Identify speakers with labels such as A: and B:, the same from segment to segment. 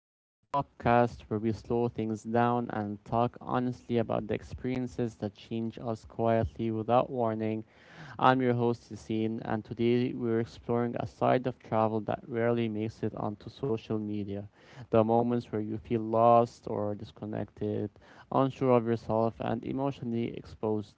A: the podcast where we slow things down and talk honestly about the experiences that change us quietly without warning. I'm your host, Yassine, and today we're exploring a side of travel that rarely makes it onto social media. The moments where you feel lost or disconnected, unsure of yourself, and emotionally exposed.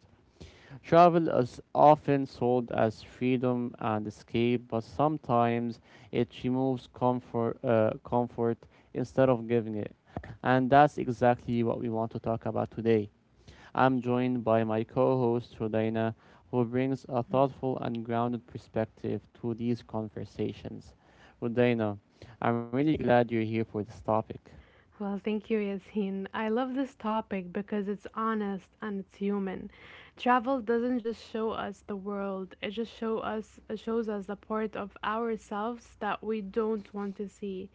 A: Travel is often sold as freedom and escape, but sometimes it removes comfort, comfort instead of giving it. And that's exactly what we want to talk about today. I'm joined by my co host, Rodina, who brings a thoughtful and grounded perspective to these conversations. Rodina, I'm really glad you're here for this topic.
B: Well, thank you, Yasin. I love this topic because it's honest and it's human. Travel doesn't just show us the world; it shows us the part of ourselves that we don't want to see,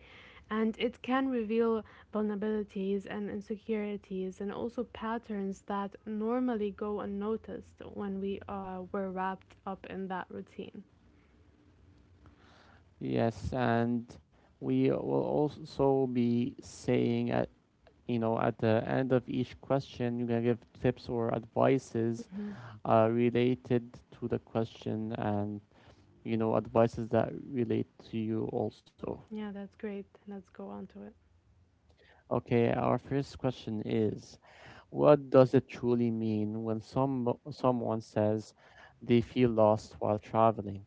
B: and it can reveal vulnerabilities and insecurities, and also patterns that normally go unnoticed when we were wrapped up in that routine.
A: Yes, and we will also be saying you know, at the end of each question, you're gonna give tips or advices related to the question and, you know, advices that relate to you also.
B: Yeah, that's great. Let's go on to it.
A: Okay, our first question is, what does it truly mean when someone says they feel lost while traveling?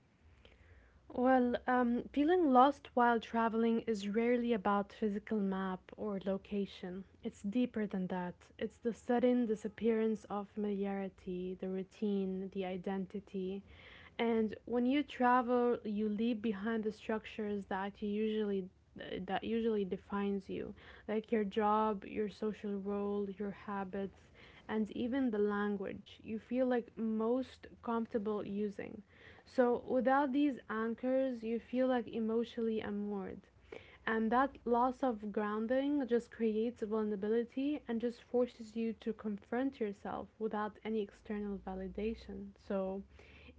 B: Feeling lost while traveling is rarely about physical map or location. It's deeper than that. It's the sudden disappearance of familiarity, the routine, the identity. And when you travel, you leave behind the structures that usually defines you, like your job, your social role, your habits, and even the language you feel like most comfortable using. So without these anchors, you feel like emotionally unmoored. And that loss of grounding just creates vulnerability and just forces you to confront yourself without any external validation. So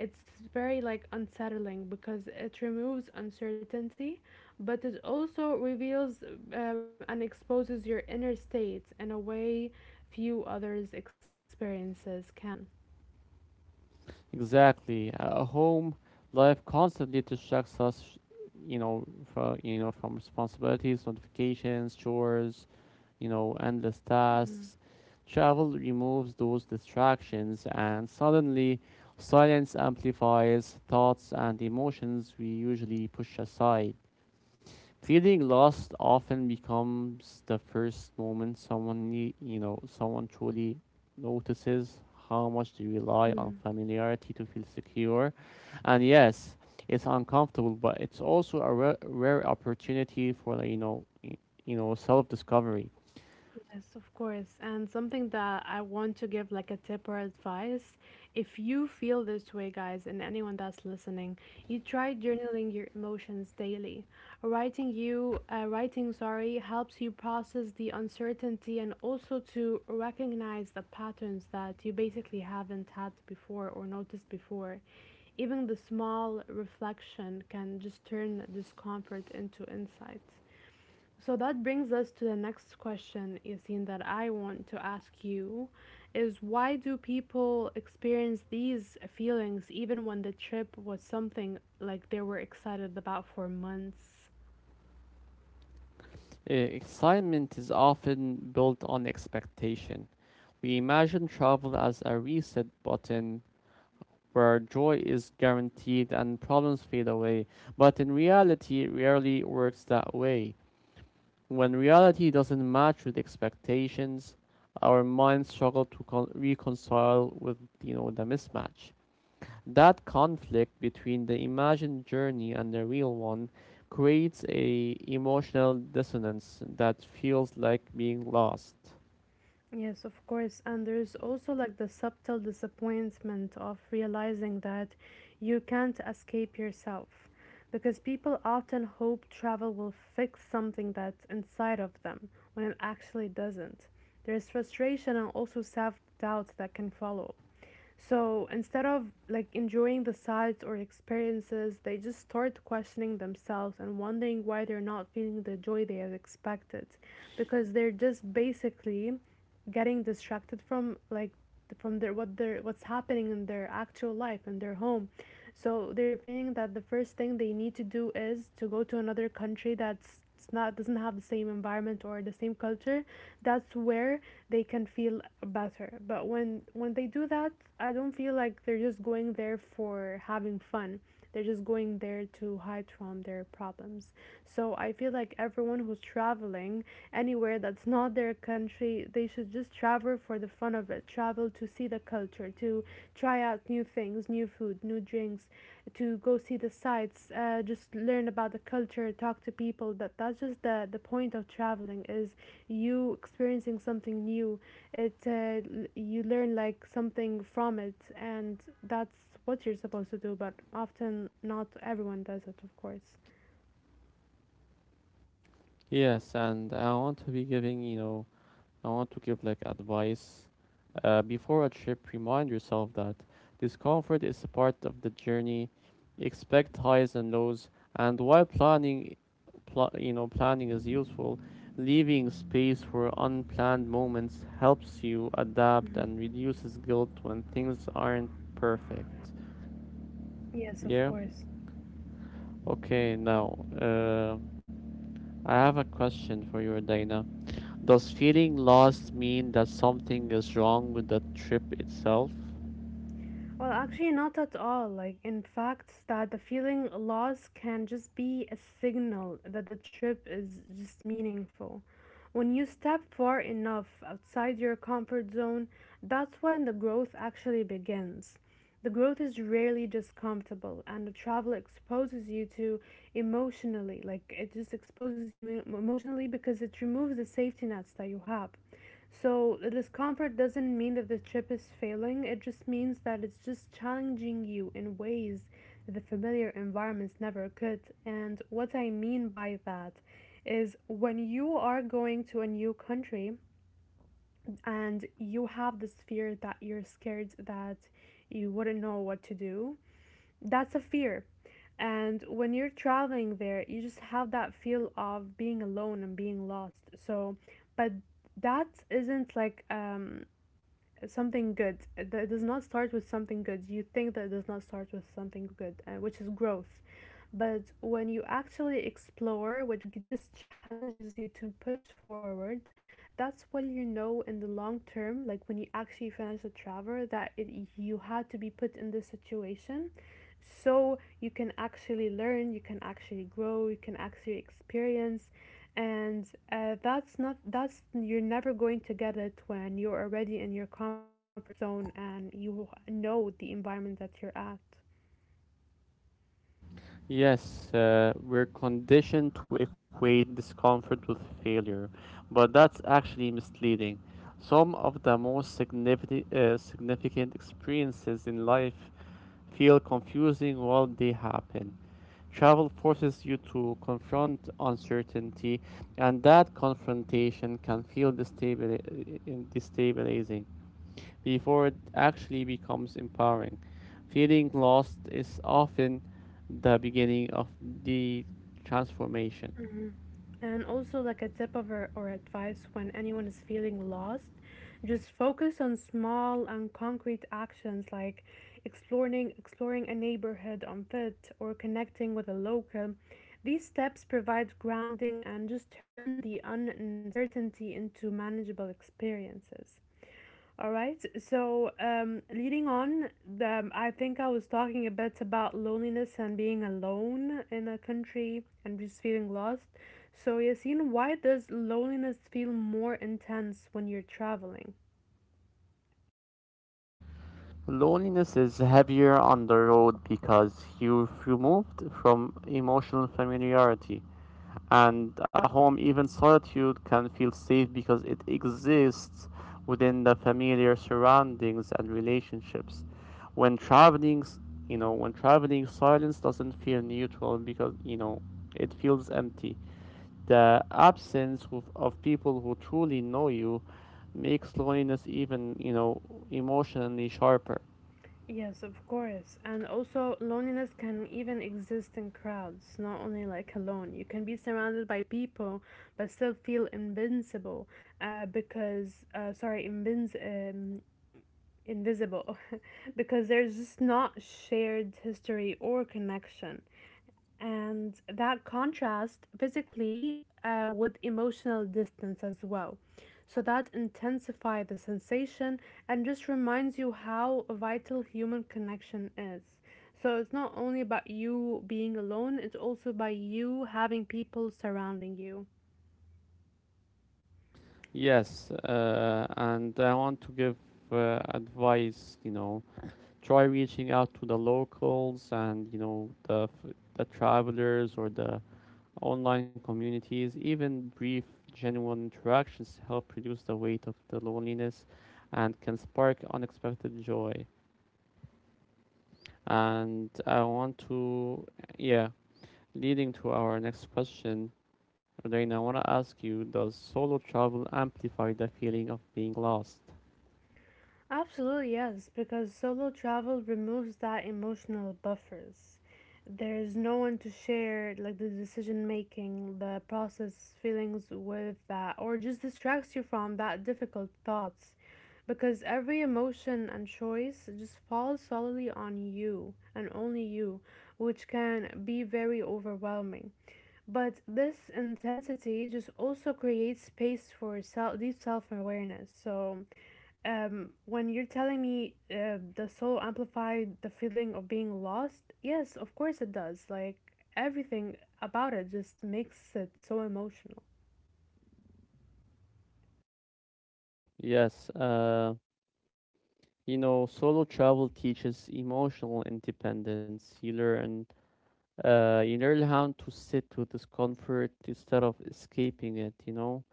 B: it's very like unsettling because it removes uncertainty, but it also reveals and exposes your inner state in a way few others' experiences can.
A: Exactly. At home, life constantly distracts us, you know, from responsibilities, notifications, chores, you know, endless tasks. Travel removes those distractions, and suddenly, silence amplifies thoughts and emotions we usually push aside. Feeling lost often becomes the first moment someone nee- you know someone truly notices how much they rely on
B: Mhm.
A: familiarity to feel secure. And yes, it's uncomfortable, but it's also a rare, rare opportunity for self discovery.
B: Yes, of course. And something that I want to give like a tip or advice, if you feel this way, guys, and anyone that's listening, you try journaling your emotions daily. Writing helps you process the uncertainty and also to recognize the patterns that you basically haven't had before or noticed before. Even the small reflection can just turn discomfort into insight. So that brings us to the next question, Yasin, that I want to ask you is why do people experience these feelings even when the trip was something like they were excited about for months?
A: Excitement is often built on expectation. We imagine travel as a reset button where joy is guaranteed and problems fade away, but in reality, it rarely works that way. When reality doesn't match with expectations, our minds struggle to reconcile with, you know, the mismatch. That conflict between the imagined journey and the real one creates a emotional dissonance that feels like being lost.
B: Yes, of course. And there's also like the subtle disappointment of realizing that you can't escape yourself because people often hope travel will fix something that's inside of them when it actually doesn't. There's frustration and also self doubt that can follow. So instead of like enjoying the sights or experiences, they just start questioning themselves and wondering why they're not feeling the joy they had expected because they're just basically getting distracted from like from their what their what's happening in their actual life in their home. So they're feeling that the first thing they need to do is to go to another country that's it's not doesn't have the same environment or the same culture. That's where they can feel better. But when they do that, I don't feel like they're just going there for having fun. They're just going there to hide from their problems. So I feel like everyone who's traveling anywhere that's not their country. They should just travel for the fun of it, travel to see the culture, to try out new things, new food, new drinks, to go see the sights, just learn about the culture, talk to people. That's just the point of traveling is you experiencing something new. It You learn like something from it, and that's what you're supposed to do. But often not everyone does it, of course.
A: Yes, and I want to be giving, you know, I want to give like advice. Before a trip, remind yourself that discomfort is a part of the journey. Expect highs and lows, and while planning, you know, planning is useful. Leaving space for unplanned moments helps you adapt and reduces guilt when things aren't perfect.
B: Yes, of
A: Yeah.
B: course.
A: Okay. Now, I have a question for you, Dana. Does feeling lost mean that something is wrong with the trip itself?
B: Well, actually, not at all. Like, in fact, that the feeling loss can just be a signal that the trip is just meaningful. When you step far enough outside your comfort zone, that's when the growth actually begins. The growth is rarely just comfortable, and the travel exposes you to emotionally. Like it just exposes you emotionally because it removes the safety nets that you have. So the discomfort doesn't mean that the trip is failing, it just means that it's just challenging you in ways that the familiar environments never could. And what I mean by that is when you are going to a new country, and you have this fear that you're scared that you wouldn't know what to do. That's a fear. And when you're traveling there, you just have that feel of being alone and being lost. But that isn't like something good. That does not start with something good. You think that it does not start with something good, which is growth. But when you actually explore what just challenges you to push forward, that's what you know in the long term. Like when you actually finish a travel that it, you had to be put in this situation, so you can actually learn, you can actually grow, you can actually experience. And that's not that's you're never going to get it when you're already in your comfort zone and you know the environment that you're at.
A: Yes, we're conditioned to equate discomfort with failure, but that's actually misleading. Some of the most significant experiences in life feel confusing while they happen. Travel forces you to confront uncertainty, and that confrontation can feel destabilizing. Before it actually becomes empowering. Feeling lost is often the beginning of the transformation.
B: And also, like a tip of or advice when anyone is feeling lost, just focus on small and concrete actions like exploring a neighborhood on foot or connecting with a local. These steps provide grounding and just turn the uncertainty into manageable experiences. All right. Leading on, the, I think I was talking a bit about loneliness and being alone in a country and just feeling lost. So, Yasin, why does loneliness feel more intense when you're traveling?
A: Loneliness is heavier on the road because you removed from emotional familiarity. And at home, even solitude can feel safe because it exists within the familiar surroundings and relationships. When traveling, s- you know, when traveling, silence doesn't feel neutral because, you know, it feels empty. The absence of people who truly know you makes loneliness even, you know, emotionally sharper.
B: Yes, of course. And also, loneliness can even exist in crowds, not only like alone. You can be surrounded by people, but still feel invincible. Uh, because uh, sorry, invinci- um, Invisible. Because there's just not shared history or connection. And that contrast physically with emotional distance as well. So that intensifies the sensation and just reminds you how vital human connection is. So it's not only about you being alone, it's also by you having people surrounding you.
A: Yes, and I want to give advice, you know, try reaching out to the locals and you know the travelers or the online communities, even brief genuine interactions help reduce the weight of the loneliness and can spark unexpected joy. And I want to yeah leading to our next question, Reina, I want to ask you, does solo travel amplify the feeling of being lost?
B: Absolutely, yes, because solo travel removes that emotional buffers. There's no one to share like the decision making, the process feelings with that or just distracts you from that difficult thoughts because every emotion and choice just falls solely on you and only you, which can be very overwhelming. But this intensity just also creates space for self, deep self awareness. So, when you're telling me the soul amplified the feeling of being lost, yes, of course it does. Like everything about it just makes it so emotional.
A: Yes, you know, solo travel teaches emotional independence. You learn how to sit with discomfort instead of escaping it. You know,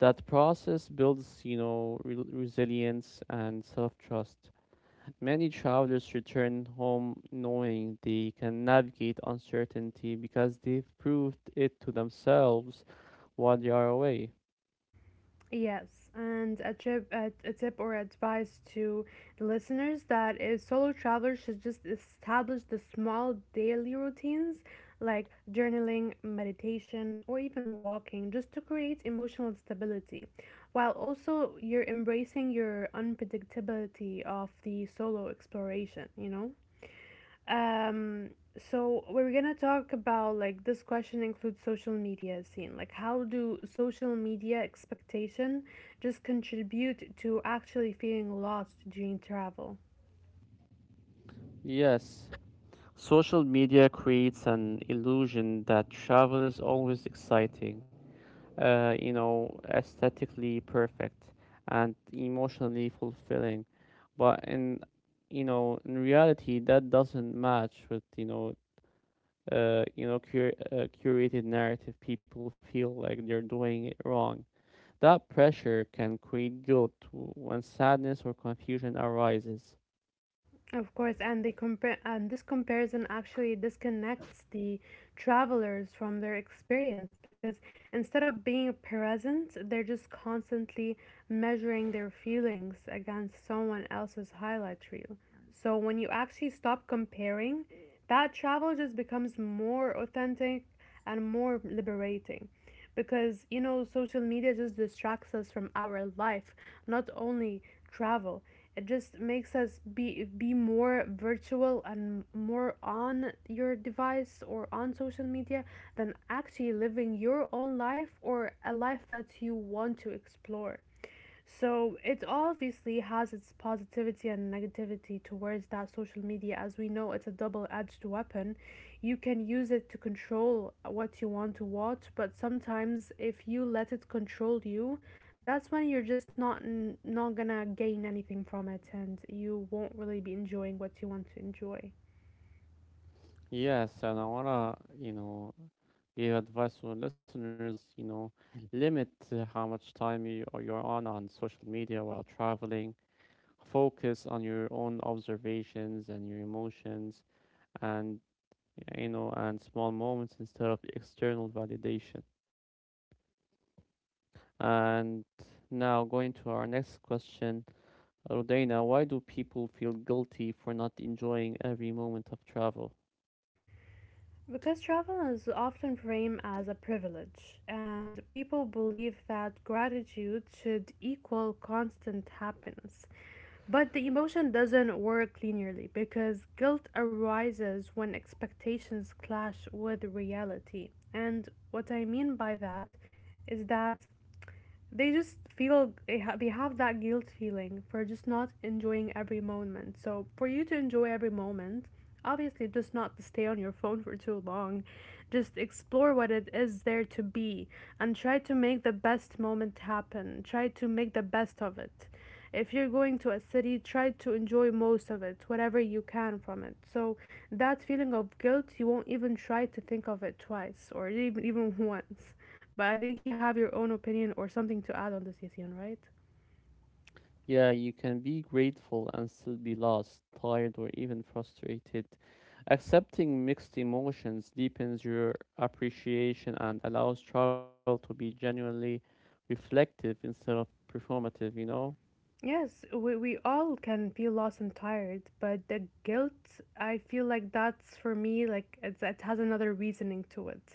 A: that process builds, you know, resilience and self-trust. Many travelers return home knowing they can navigate uncertainty because they've proved it to themselves while they are away.
B: Yes, and a tip, a tip or advice to the listeners that if solo travelers should just establish the small daily routines like journaling, meditation, or even walking just to create emotional stability, while also you're embracing your unpredictability of the solo exploration, you know? Um, so we're gonna talk about like this question includes social media scene. Like how do social media expectation just contribute to actually feeling lost during travel?
A: Yes, social media creates an illusion that travel is always exciting, you know, aesthetically perfect and emotionally fulfilling. But in reality, that doesn't match with, you know, curated narrative. People feel like they're doing it wrong. That pressure can create guilt when sadness or confusion arises.
B: Of course, and they compare, and this comparison actually disconnects the travelers from their experience because instead of being present, they're just constantly measuring their feelings against someone else's highlight reel. So when you actually stop comparing, that travel just becomes more authentic and more liberating because you know social media just distracts us from our life, not only travel. It just makes us be more virtual and more on your device or on social media than actually living your own life or a life that you want to explore. So it obviously has its positivity and negativity towards that social media. As we know, it's a double edged weapon. You can use it to control what you want to watch, but sometimes if you let it control you, that's when you're just not gonna gain anything from it, and you won't really be enjoying what you want to enjoy.
A: Yes, and I wanna, you know, give advice to our listeners. You know, limit how much time you're on social media while traveling. Focus on your own observations and your emotions and, you know, and small moments instead of external validation. And now going to our next question, rodina, why do people feel guilty for not enjoying every moment of travel?
B: Because travel is often framed as a privilege, and people believe that gratitude should equal constant happiness. But the emotion doesn't work linearly because guilt arises when expectations clash with reality. And what I mean by that is that they just feel they have that guilt feeling for just not enjoying every moment. So for you to enjoy every moment, obviously just not to stay on your phone for too long, just explore what it is there to be, and try to make the best moment happen, try to make the best of it. If you're going to a city, try to enjoy most of it, whatever you can from it. So that feeling of guilt, you won't even try to think of it twice or even once. But I think you have your own opinion or something to add on this, Yasin, right?
A: Yeah, you can be grateful and still be lost, tired, or even frustrated. Accepting mixed emotions deepens your appreciation and allows trial to be genuinely reflective instead of performative, you know?
B: Yes, we all can be lost and tired, but the guilt, I feel like that's for me, it has another reasoning to it.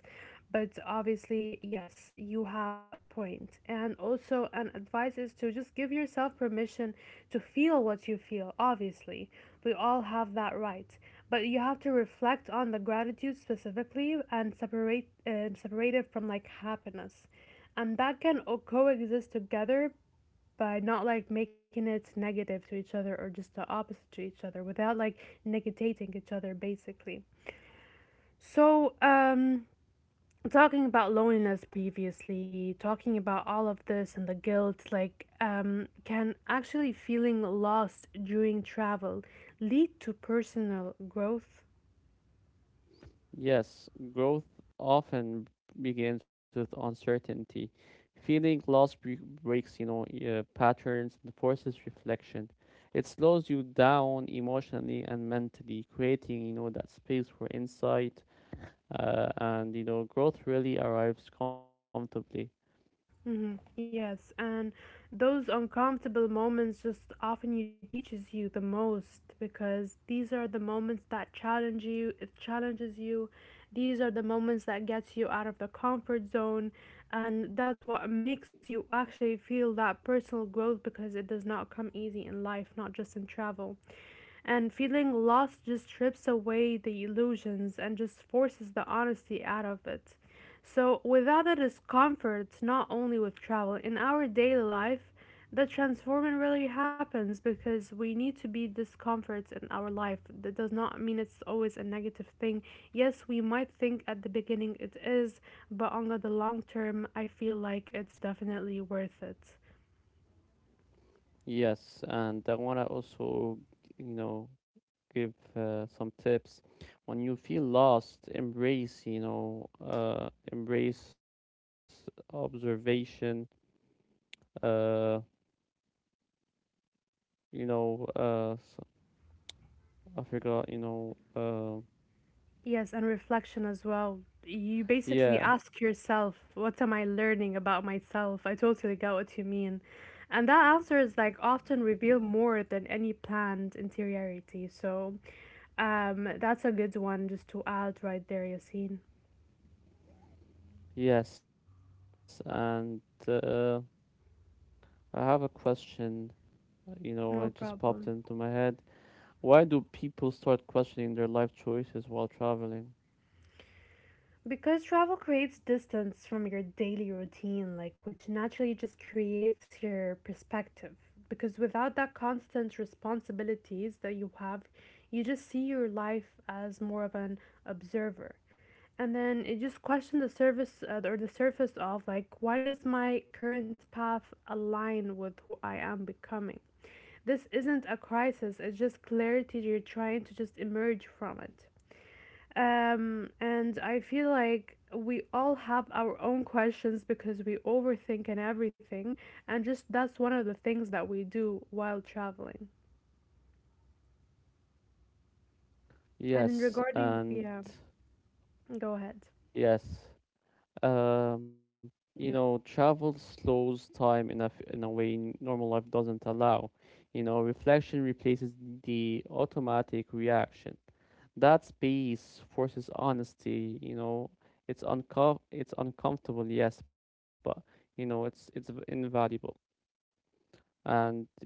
B: But obviously, yes, you have a point. And also, an advice is to just give yourself permission to feel what you feel, obviously. We all have that right. But you have to reflect on the gratitude specifically and separate, separate it from like happiness and that can coexist together by not like making it negative to each other or just the opposite to each other without like negating each other basically. So, talking about loneliness previously, talking about all of this and the guilt, like, can actually feeling lost during travel lead to personal growth?
A: Yes, growth often begins with uncertainty. Feeling lost breaks, you know, patterns and forces reflection. It slows you down emotionally and mentally, creating, you know, that space for insight and you know growth really arrives comfortably.
B: Mm-hmm. Yes, and those uncomfortable moments just often you teaches you the most because these are the moments that challenge you. It challenges you. These are the moments that gets you out of the comfort zone, and that's what makes you actually feel that personal growth because it does not come easy in life, not just in travel. And feeling lost just strips away the illusions and just forces the honesty out of it. So, without the discomfort, not only with travel, in our daily life, the transforming really happens because we need to be discomforts in our life. That does not mean it's always a negative thing. Yes, we might think at the beginning it is, but on the long term, I feel like it's definitely worth it.
A: Yes, and I want to also, you know, give some tips. When you feel lost, embrace, you know, embrace observation, uh, you know s- I forgot you know
B: Yes, and reflection as well. You basically
A: yeah.
B: ask yourself, what am I learning about myself? I totally get what you mean. And that answer is like often reveal more than any planned interiority. So that's a good one just to add right there, Yassine.
A: Yes, and uh, I have a question, you know, it
B: No
A: just popped into
B: problem.
A: my head. Why do people start questioning their life choices while traveling?
B: Because travel creates distance from your daily routine, like which naturally just creates your perspective. Because without that constant responsibilities that you have, you just see your life as more of an observer. And then it just questions the service or the surface of like, why does my current path align with who I am becoming? This isn't a crisis, it's just clarity you're trying to just emerge from it. And I feel like we all have our own questions because we overthink and everything, and just that's one of the things that we do while traveling.
A: Yes,
B: And in
A: and
B: regarding, yeah, go ahead.
A: yes. You, yeah, know, travel slows time in a way normal life doesn't allow. You know, reflection replaces the automatic reaction. That space forces honesty. You know, it's uncomfortable, yes, but, you know, it's invaluable. And yeah.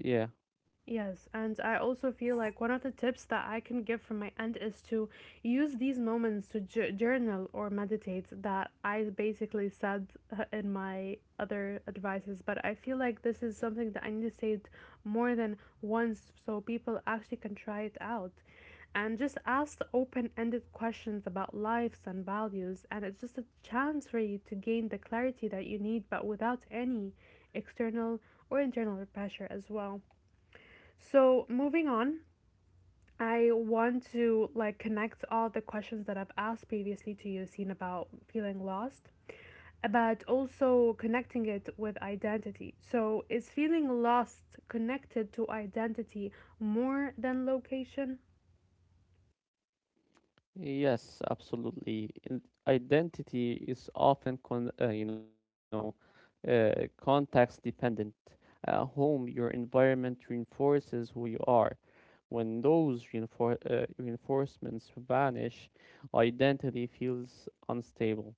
B: Yes, and I also feel like one of the tips that I can give from my end is to use these moments to journal or meditate that I basically said in my other advices, but I feel like this is something that I need to say it more than once so people actually can try it out. And just ask open ended questions about lives and values, and it's just a chance for you to gain the clarity that you need, but without any external or internal pressure as well. So, moving on, I want to like connect all the questions that I've asked previously to you, seen about feeling lost, but also connecting it with identity. So, is feeling lost connected to identity more than location?
A: Yes, absolutely. And identity is often con you know, context dependent. At home, your environment reinforces who you are. When those reinforcements vanish, identity feels unstable.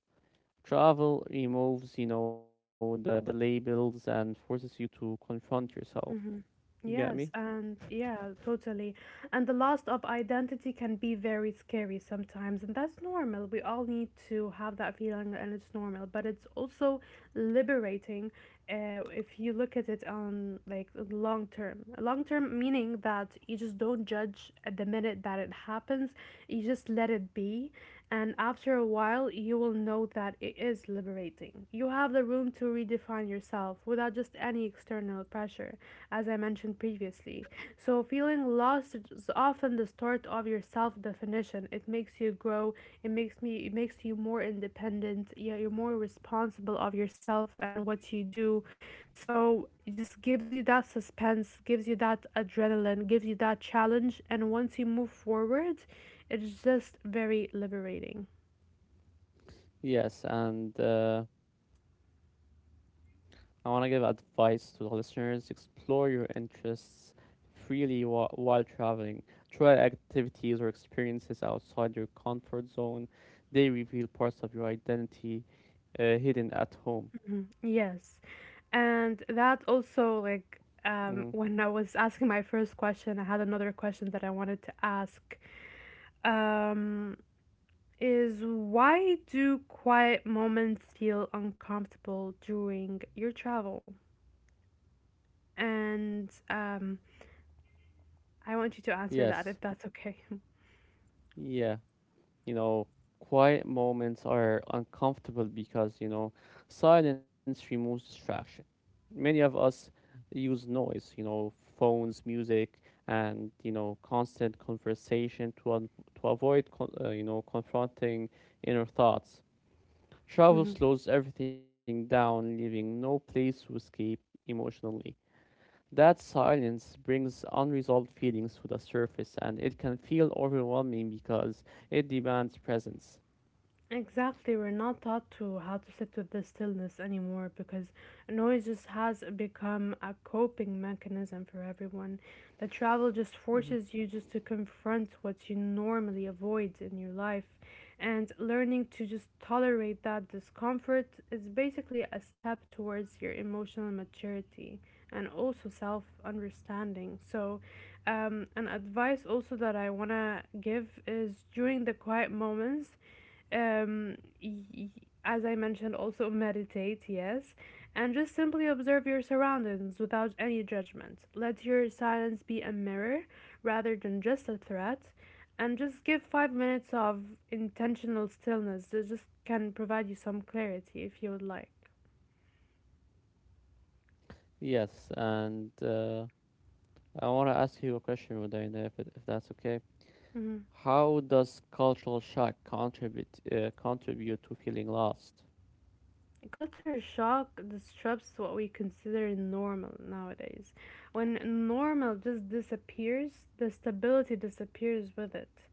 A: Travel removes, you know, the labels and forces you to confront yourself.
B: Hmm.
A: You get me?
B: Yes, and yeah, totally. And the loss of identity can be very scary sometimes, and that's normal. We all need to have that feeling, and it's normal, but it's also liberating if you look at it on like long term. Long term meaning that you just don't judge at the minute that it happens, you just let it be. And after a while, you will know that it is liberating. You have the room to redefine yourself without just any external pressure, as I mentioned previously. So, feeling lost is often the start of your self definition. It makes you grow, it makes you more independent, yeah, you're more responsible of yourself and what you do. So, it just gives you that suspense, gives you that adrenaline, gives you that challenge. And once you move forward, it's just very liberating.
A: Yes, and I want to give advice to the listeners. Explore your interests freely while traveling. Try activities or experiences outside your comfort zone. They reveal parts of your identity hidden at home.
B: Mhm.
A: Hmm.
B: Yes. And that also, like, when I was asking my first question, I had another question that I wanted to ask. Um, is why do quiet moments feel uncomfortable during your travel? And I want you to answer
A: Yes.
B: that if that's okay.
A: Yeah. You know, quiet moments are uncomfortable because, you know, silence removes distraction. Many of us use noise, you know, phones, music, and, you know, constant conversation to, avoid, you know, confronting inner thoughts. Travel slows everything down, leaving no place to escape emotionally. That silence brings unresolved feelings to the surface and it can feel overwhelming because it demands presence.
B: Exactly, we're not taught to how to sit with the stillness anymore because noise just has become a coping mechanism for everyone. The travel
A: Mhm.
B: just forces you just to confront what you normally avoid in your life, and learning to just tolerate that discomfort is basically a step towards your emotional maturity and also self understanding. So, an advice also that I want to give is during the quiet moments um, y- as I mentioned, also meditate, yes, and just simply observe your surroundings without any judgment. Let your silence be a mirror rather than just a threat, and just give 5 minutes of intentional stillness that just can provide you some clarity if you would like.
A: Yes, and I want to ask you a question, Rodina, if that's okay.
B: Mhm.
A: How does cultural shock contribute to feeling lost?
B: Culture shock disrupts what we consider normal nowadays. When normal just disappears, the stability disappears with it.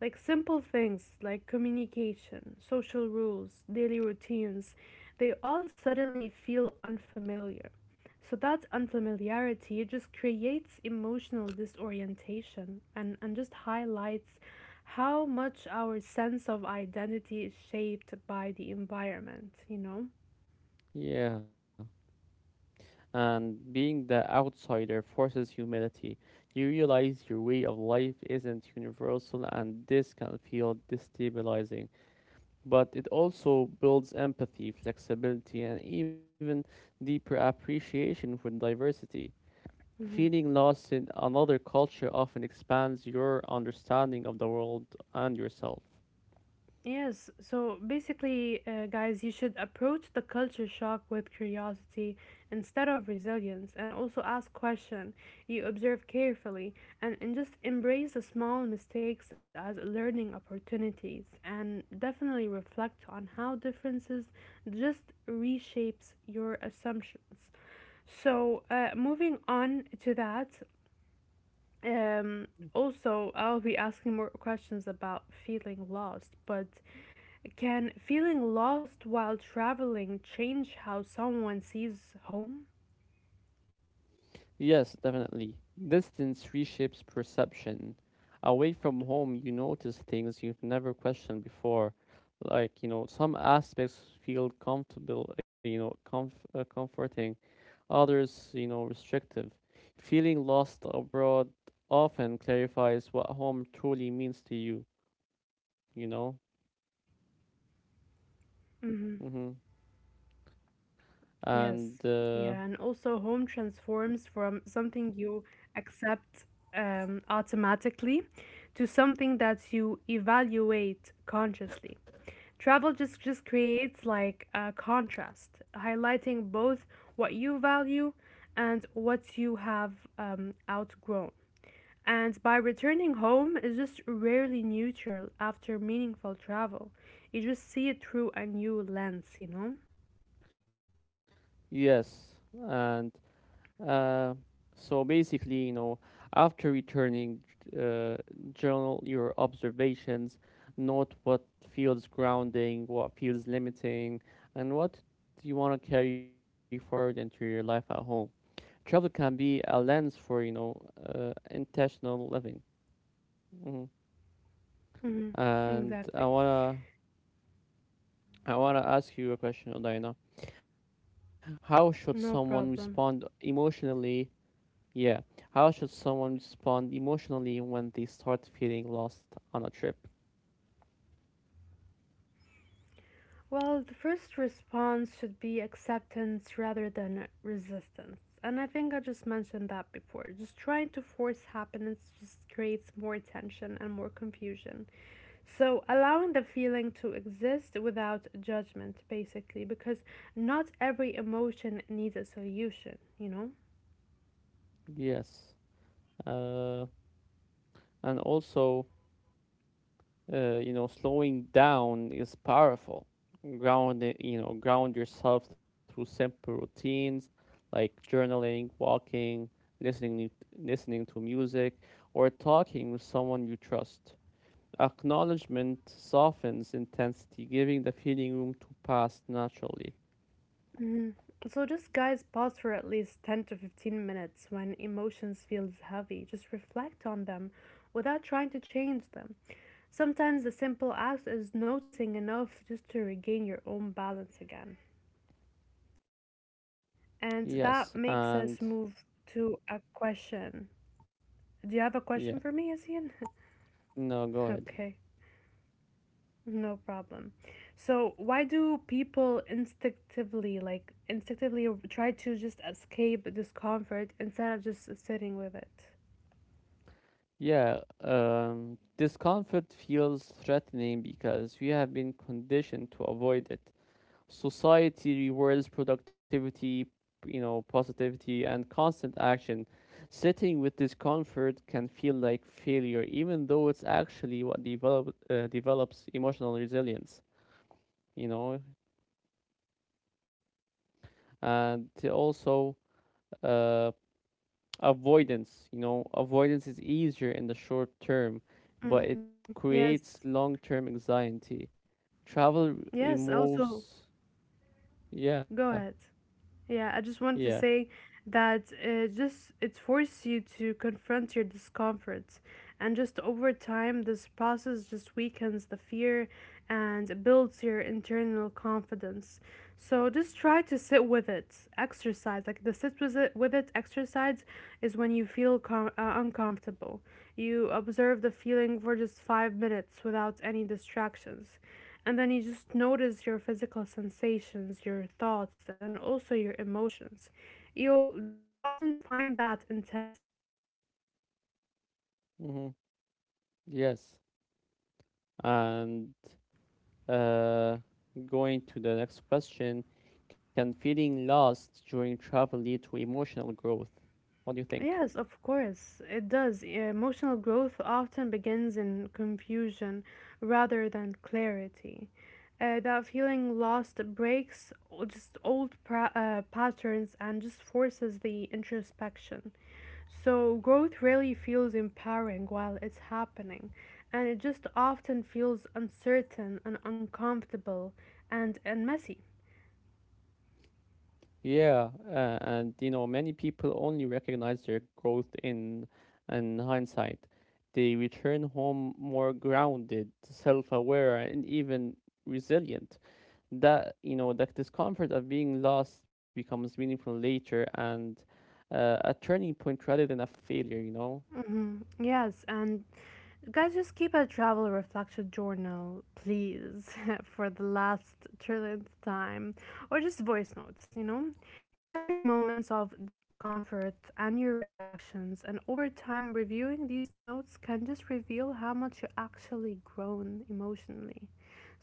B: Like simple things like communication, social rules, daily routines, they all suddenly feel unfamiliar. So that unfamiliarity just creates emotional disorientation and just highlights how much our sense of identity is shaped by the environment, you know?
A: Yeah, and being the outsider forces humility. You realize your way of life isn't universal, and this can feel destabilizing. But it also builds empathy, flexibility, and even deeper appreciation for diversity.
B: Mhm.
A: Feeling lost in another culture often expands your understanding of the world and yourself.
B: Yes, so basically, guys, you should approach the culture shock with curiosity instead of resilience and also ask questions. You observe carefully and just embrace the small mistakes as learning opportunities and definitely reflect on how differences just reshapes your assumptions. So, moving on to that, um, also, I'll be asking more questions about feeling lost, but can feeling lost while traveling change how someone sees home?
A: Yes, definitely. Distance reshapes perception. Away from home, you notice things you've never questioned before. Like, you know, some aspects feel comfortable, comforting, others, you know, restrictive. Feeling lost abroad often clarifies what home truly means to you, you know?
B: Hmm.
A: Hmm. And,
B: Yes, yeah, and also home transforms from something you accept automatically to something that you evaluate consciously. Travel just creates like a contrast, highlighting both what you value and what you have outgrown. And by returning home is just rarely neutral after meaningful travel. You just see it through a new lens, you know?
A: yes, and uh, so basically, you know, after returning, uh, journal your observations, note what feels grounding, what feels limiting, and what do you want to carry forward into your life at home. Travel can be a lens for, you know, intentional living. Hmm.
B: Hmm.
A: And
B: Exactly.
A: I wanna ask you a question, Odaina. How should someone
B: No
A: respond
B: problem.
A: emotionally? Yeah. How should someone respond emotionally when they start feeling lost on a trip?
B: Well, the first response should be acceptance rather than resistance. And I think I just mentioned that before. Just trying to force happiness just creates more tension and more confusion. So, allowing the feeling to exist without judgment, basically, because not every emotion needs a solution, you know?
A: Yes. Uh, and also, you know, slowing down is powerful. You know, ground yourself through simple routines like journaling, walking, listening to music, or talking with someone you trust. Acknowledgement softens intensity, giving the feeling room to pass naturally.
B: Hmm. So, just guys, pause for at least 10 to 15 minutes when emotions feels heavy. Just reflect on them without trying to change them. Sometimes the simple act is noticing enough just to regain your own balance again.
A: Yes,
B: And
A: and
B: that makes us move to a question. Do you have
A: yeah.
B: a question for me, Asian?
A: No, go ahead.
B: Okay, no problem. So, why do people instinctively try to just escape discomfort instead of just sitting with it?
A: Yeah, discomfort feels threatening because we have been conditioned to avoid it. Society rewards productivity, you know, positivity, and constant action. Sitting with discomfort can feel like failure, even though it's actually what develops emotional resilience, you know, and also. Uh, Avoidance, you know, avoidance is easier in the short term, but it
B: Hmm. Yes,
A: creates long-term anxiety, travel r-
B: yes, also,
A: removes yeah.
B: go ahead. Yeah, I just
A: Yeah.
B: wanted to say that just it forces you to confront your discomforts, and just over time, this process just weakens the fear and builds your internal confidence. So just try to sit with it. Exercise like the sit with it exercise is when you feel uncomfortable. You observe the feeling for just 5 minutes without any distractions and then you just notice your physical sensations, your thoughts, and also your emotions. You'll just often find that intensity like diminishes what you
A: Hmm.
B: actually face when you face
A: Yes,
B: it directly, you know?
A: and uh going to the next question, can feeling lost during travel lead to emotional growth? What do you
B: Yes,
A: think?
B: of course, it does. Emotional growth often begins in confusion rather than clarity. That feeling lost breaks just old patterns and just forces the introspection. So, growth really feels empowering while it's happening, and it just often feels uncertain and uncomfortable and messy.
A: Yeah, and you know, many people only recognize their growth in hindsight. They return home more grounded, self-aware, and even resilient. That discomfort of being lost becomes meaningful later and a turning point rather than a failure.
B: Yes, and guys, just keep a travel reflection journal, please, for the last trillionth time, or just voice notes, you know? Capture moments of discomfort and your reactions, and over time, reviewing these notes can just reveal how much you actually grown emotionally.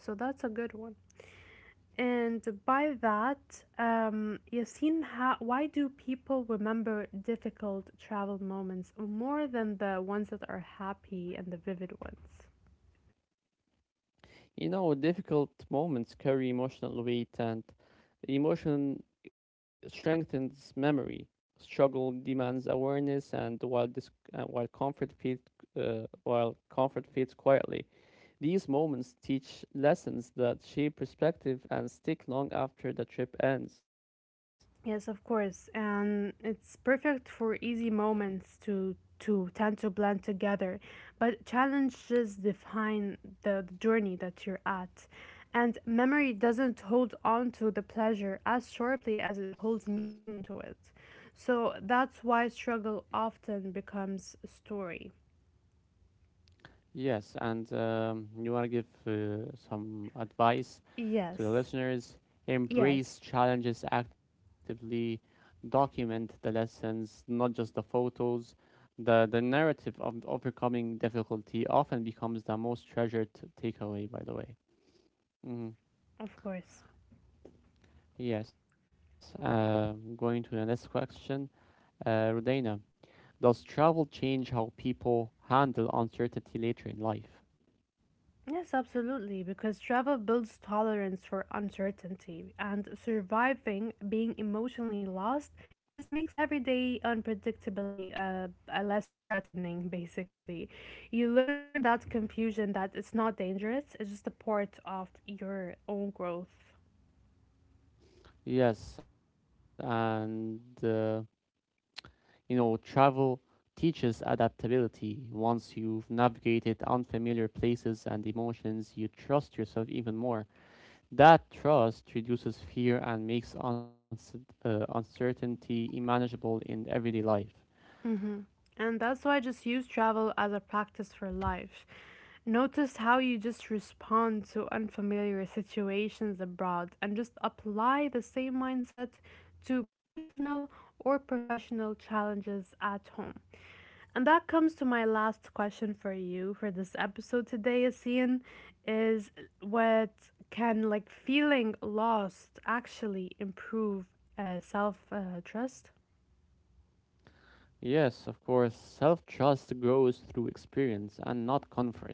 B: So that's a good one. And by that, Yasin, why do people remember difficult travel moments more than the ones that are happy and the vivid ones?
A: You know, difficult moments carry emotional weight, and emotion strengthens memory. Struggle demands awareness, and while comfort while comfort fades quietly, these moments teach lessons that shape perspective and stick long after the trip ends.
B: Yes, of course. And it's perfect for easy moments to tend to blend together. But challenges define the journey that you're at. And memory doesn't hold on to the pleasure as sharply as it holds meaning to it. So that's why struggle often becomes a story.
A: Yes, and you want to give some advice to the
B: Yes.
A: listeners.
B: Yes,
A: Embrace challenges actively, document the lessons, not just the photos. The narrative of overcoming difficulty often becomes the most treasured takeaway, by the way. Hmm.
B: of course.
A: Yes, going to the next question. Rodena, does travel change how people handle uncertainty later in life?
B: Yes, absolutely, because travel builds tolerance for uncertainty, and surviving being emotionally lost just makes everyday unpredictability less threatening, basically. You learn that confusion that it's not dangerous, it's just a part of your own growth.
A: Yes, and you know, travel teaches adaptability. Once you've navigated unfamiliar places and emotions, you trust yourself even more. That trust reduces fear and makes uncertainty manageable in everyday life.
B: Mm-hmm. And that's why I just use travel as a practice for life. Notice how you just respond to unfamiliar situations abroad and just apply the same mindset to personal or professional challenges at home. And that comes to my last question for you for this episode today, Asian, is what can like feeling lost actually improve self trust?
A: Yes, of course, self trust grows through experience and not comfort.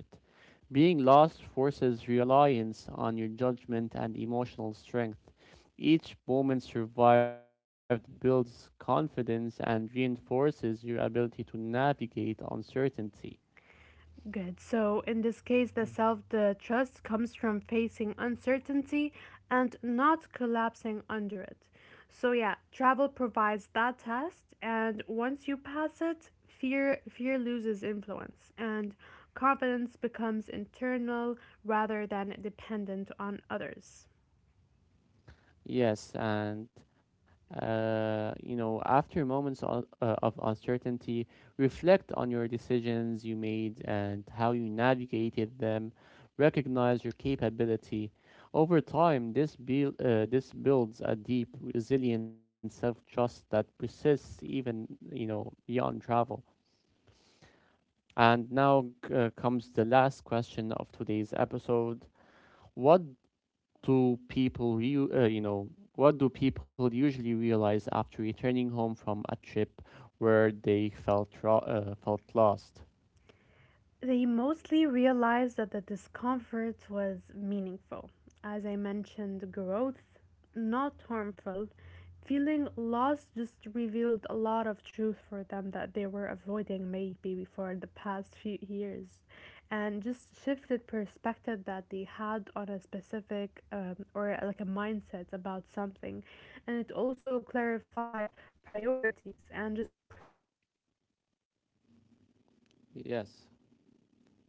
A: Being lost forces reliance on your judgment and emotional strength. Each moment survived builds confidence and reinforces your ability to navigate uncertainty.
B: Good. So, in this
A: Mm.
B: case, the trust comes from facing uncertainty and not collapsing under it. So, yeah, travel provides that test, and once you pass it, fear loses influence and confidence becomes internal rather than dependent on others.
A: Yes, and you know, after moments of uncertainty, reflect on your decisions you made and how you navigated them. Recognize your capability. Over time, this builds a deep, resilient self-trust that persists even, you know, beyond travel. And now comes the last question of today's episode. What do people you know, what do people usually realize after returning home from a trip where they felt lost?
B: They mostly realized that the discomfort was meaningful. As I mentioned, growth not harmful. Feeling lost just revealed a lot of truth for them that they were avoiding maybe for the past few years and just shifted perspective that they had on a specific or like a mindset about something and it also clarified priorities and just creates lasting insight about something so
A: Yes,
B: growth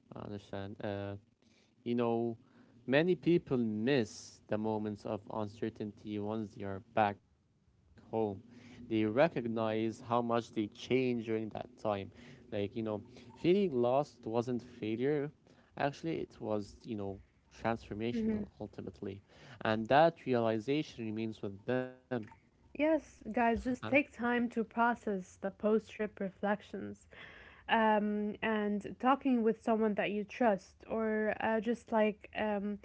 A: I understand,
B: visible only
A: you
B: after
A: know,
B: returning.
A: many people miss the moments of uncertainty once they are back home. They recognize how much they change during that time. Like, you know, feeling lost wasn't failure. Actually, it was, you know, transformational ultimately. And that realization remains with them.
B: Yes,
A: Uh,
B: guys, just take time to process the post trip reflections. And talking with someone that you trust, or just like um,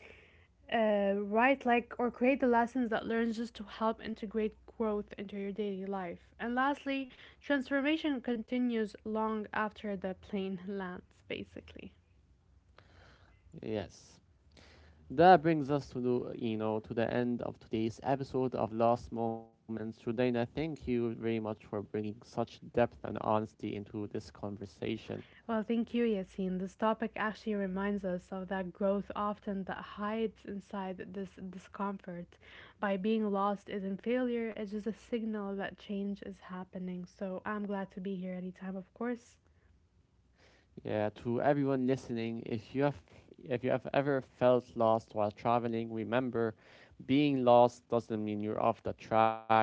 B: uh, write like or create the lessons that learns just to help integrate growth into your daily life. And lastly, transformation continues long after the plane lands, basically.
A: yes. That brings us to the, you know, to the end of today's episode of Last Moments. Rudaina, thank you very much for bringing such depth and honesty into this conversation.
B: Well, thank you, Yassine. This topic actually reminds us of that growth often that hides inside this discomfort. By being lost isn't failure, it's just a signal that change is happening. So I'm glad to be here anytime, of course.
A: Yeah, to everyone listening, if you have ever felt lost while traveling, remember, being lost doesn't mean you're off the track.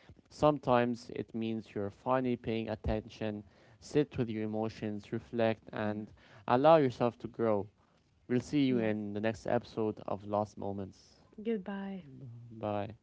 A: Sometimes it means you're finally paying attention. Sit with your emotions, reflect, and allow yourself to grow. We'll see you
B: Yes.
A: in the next episode of Lost Moments.
B: Goodbye.
A: Bye.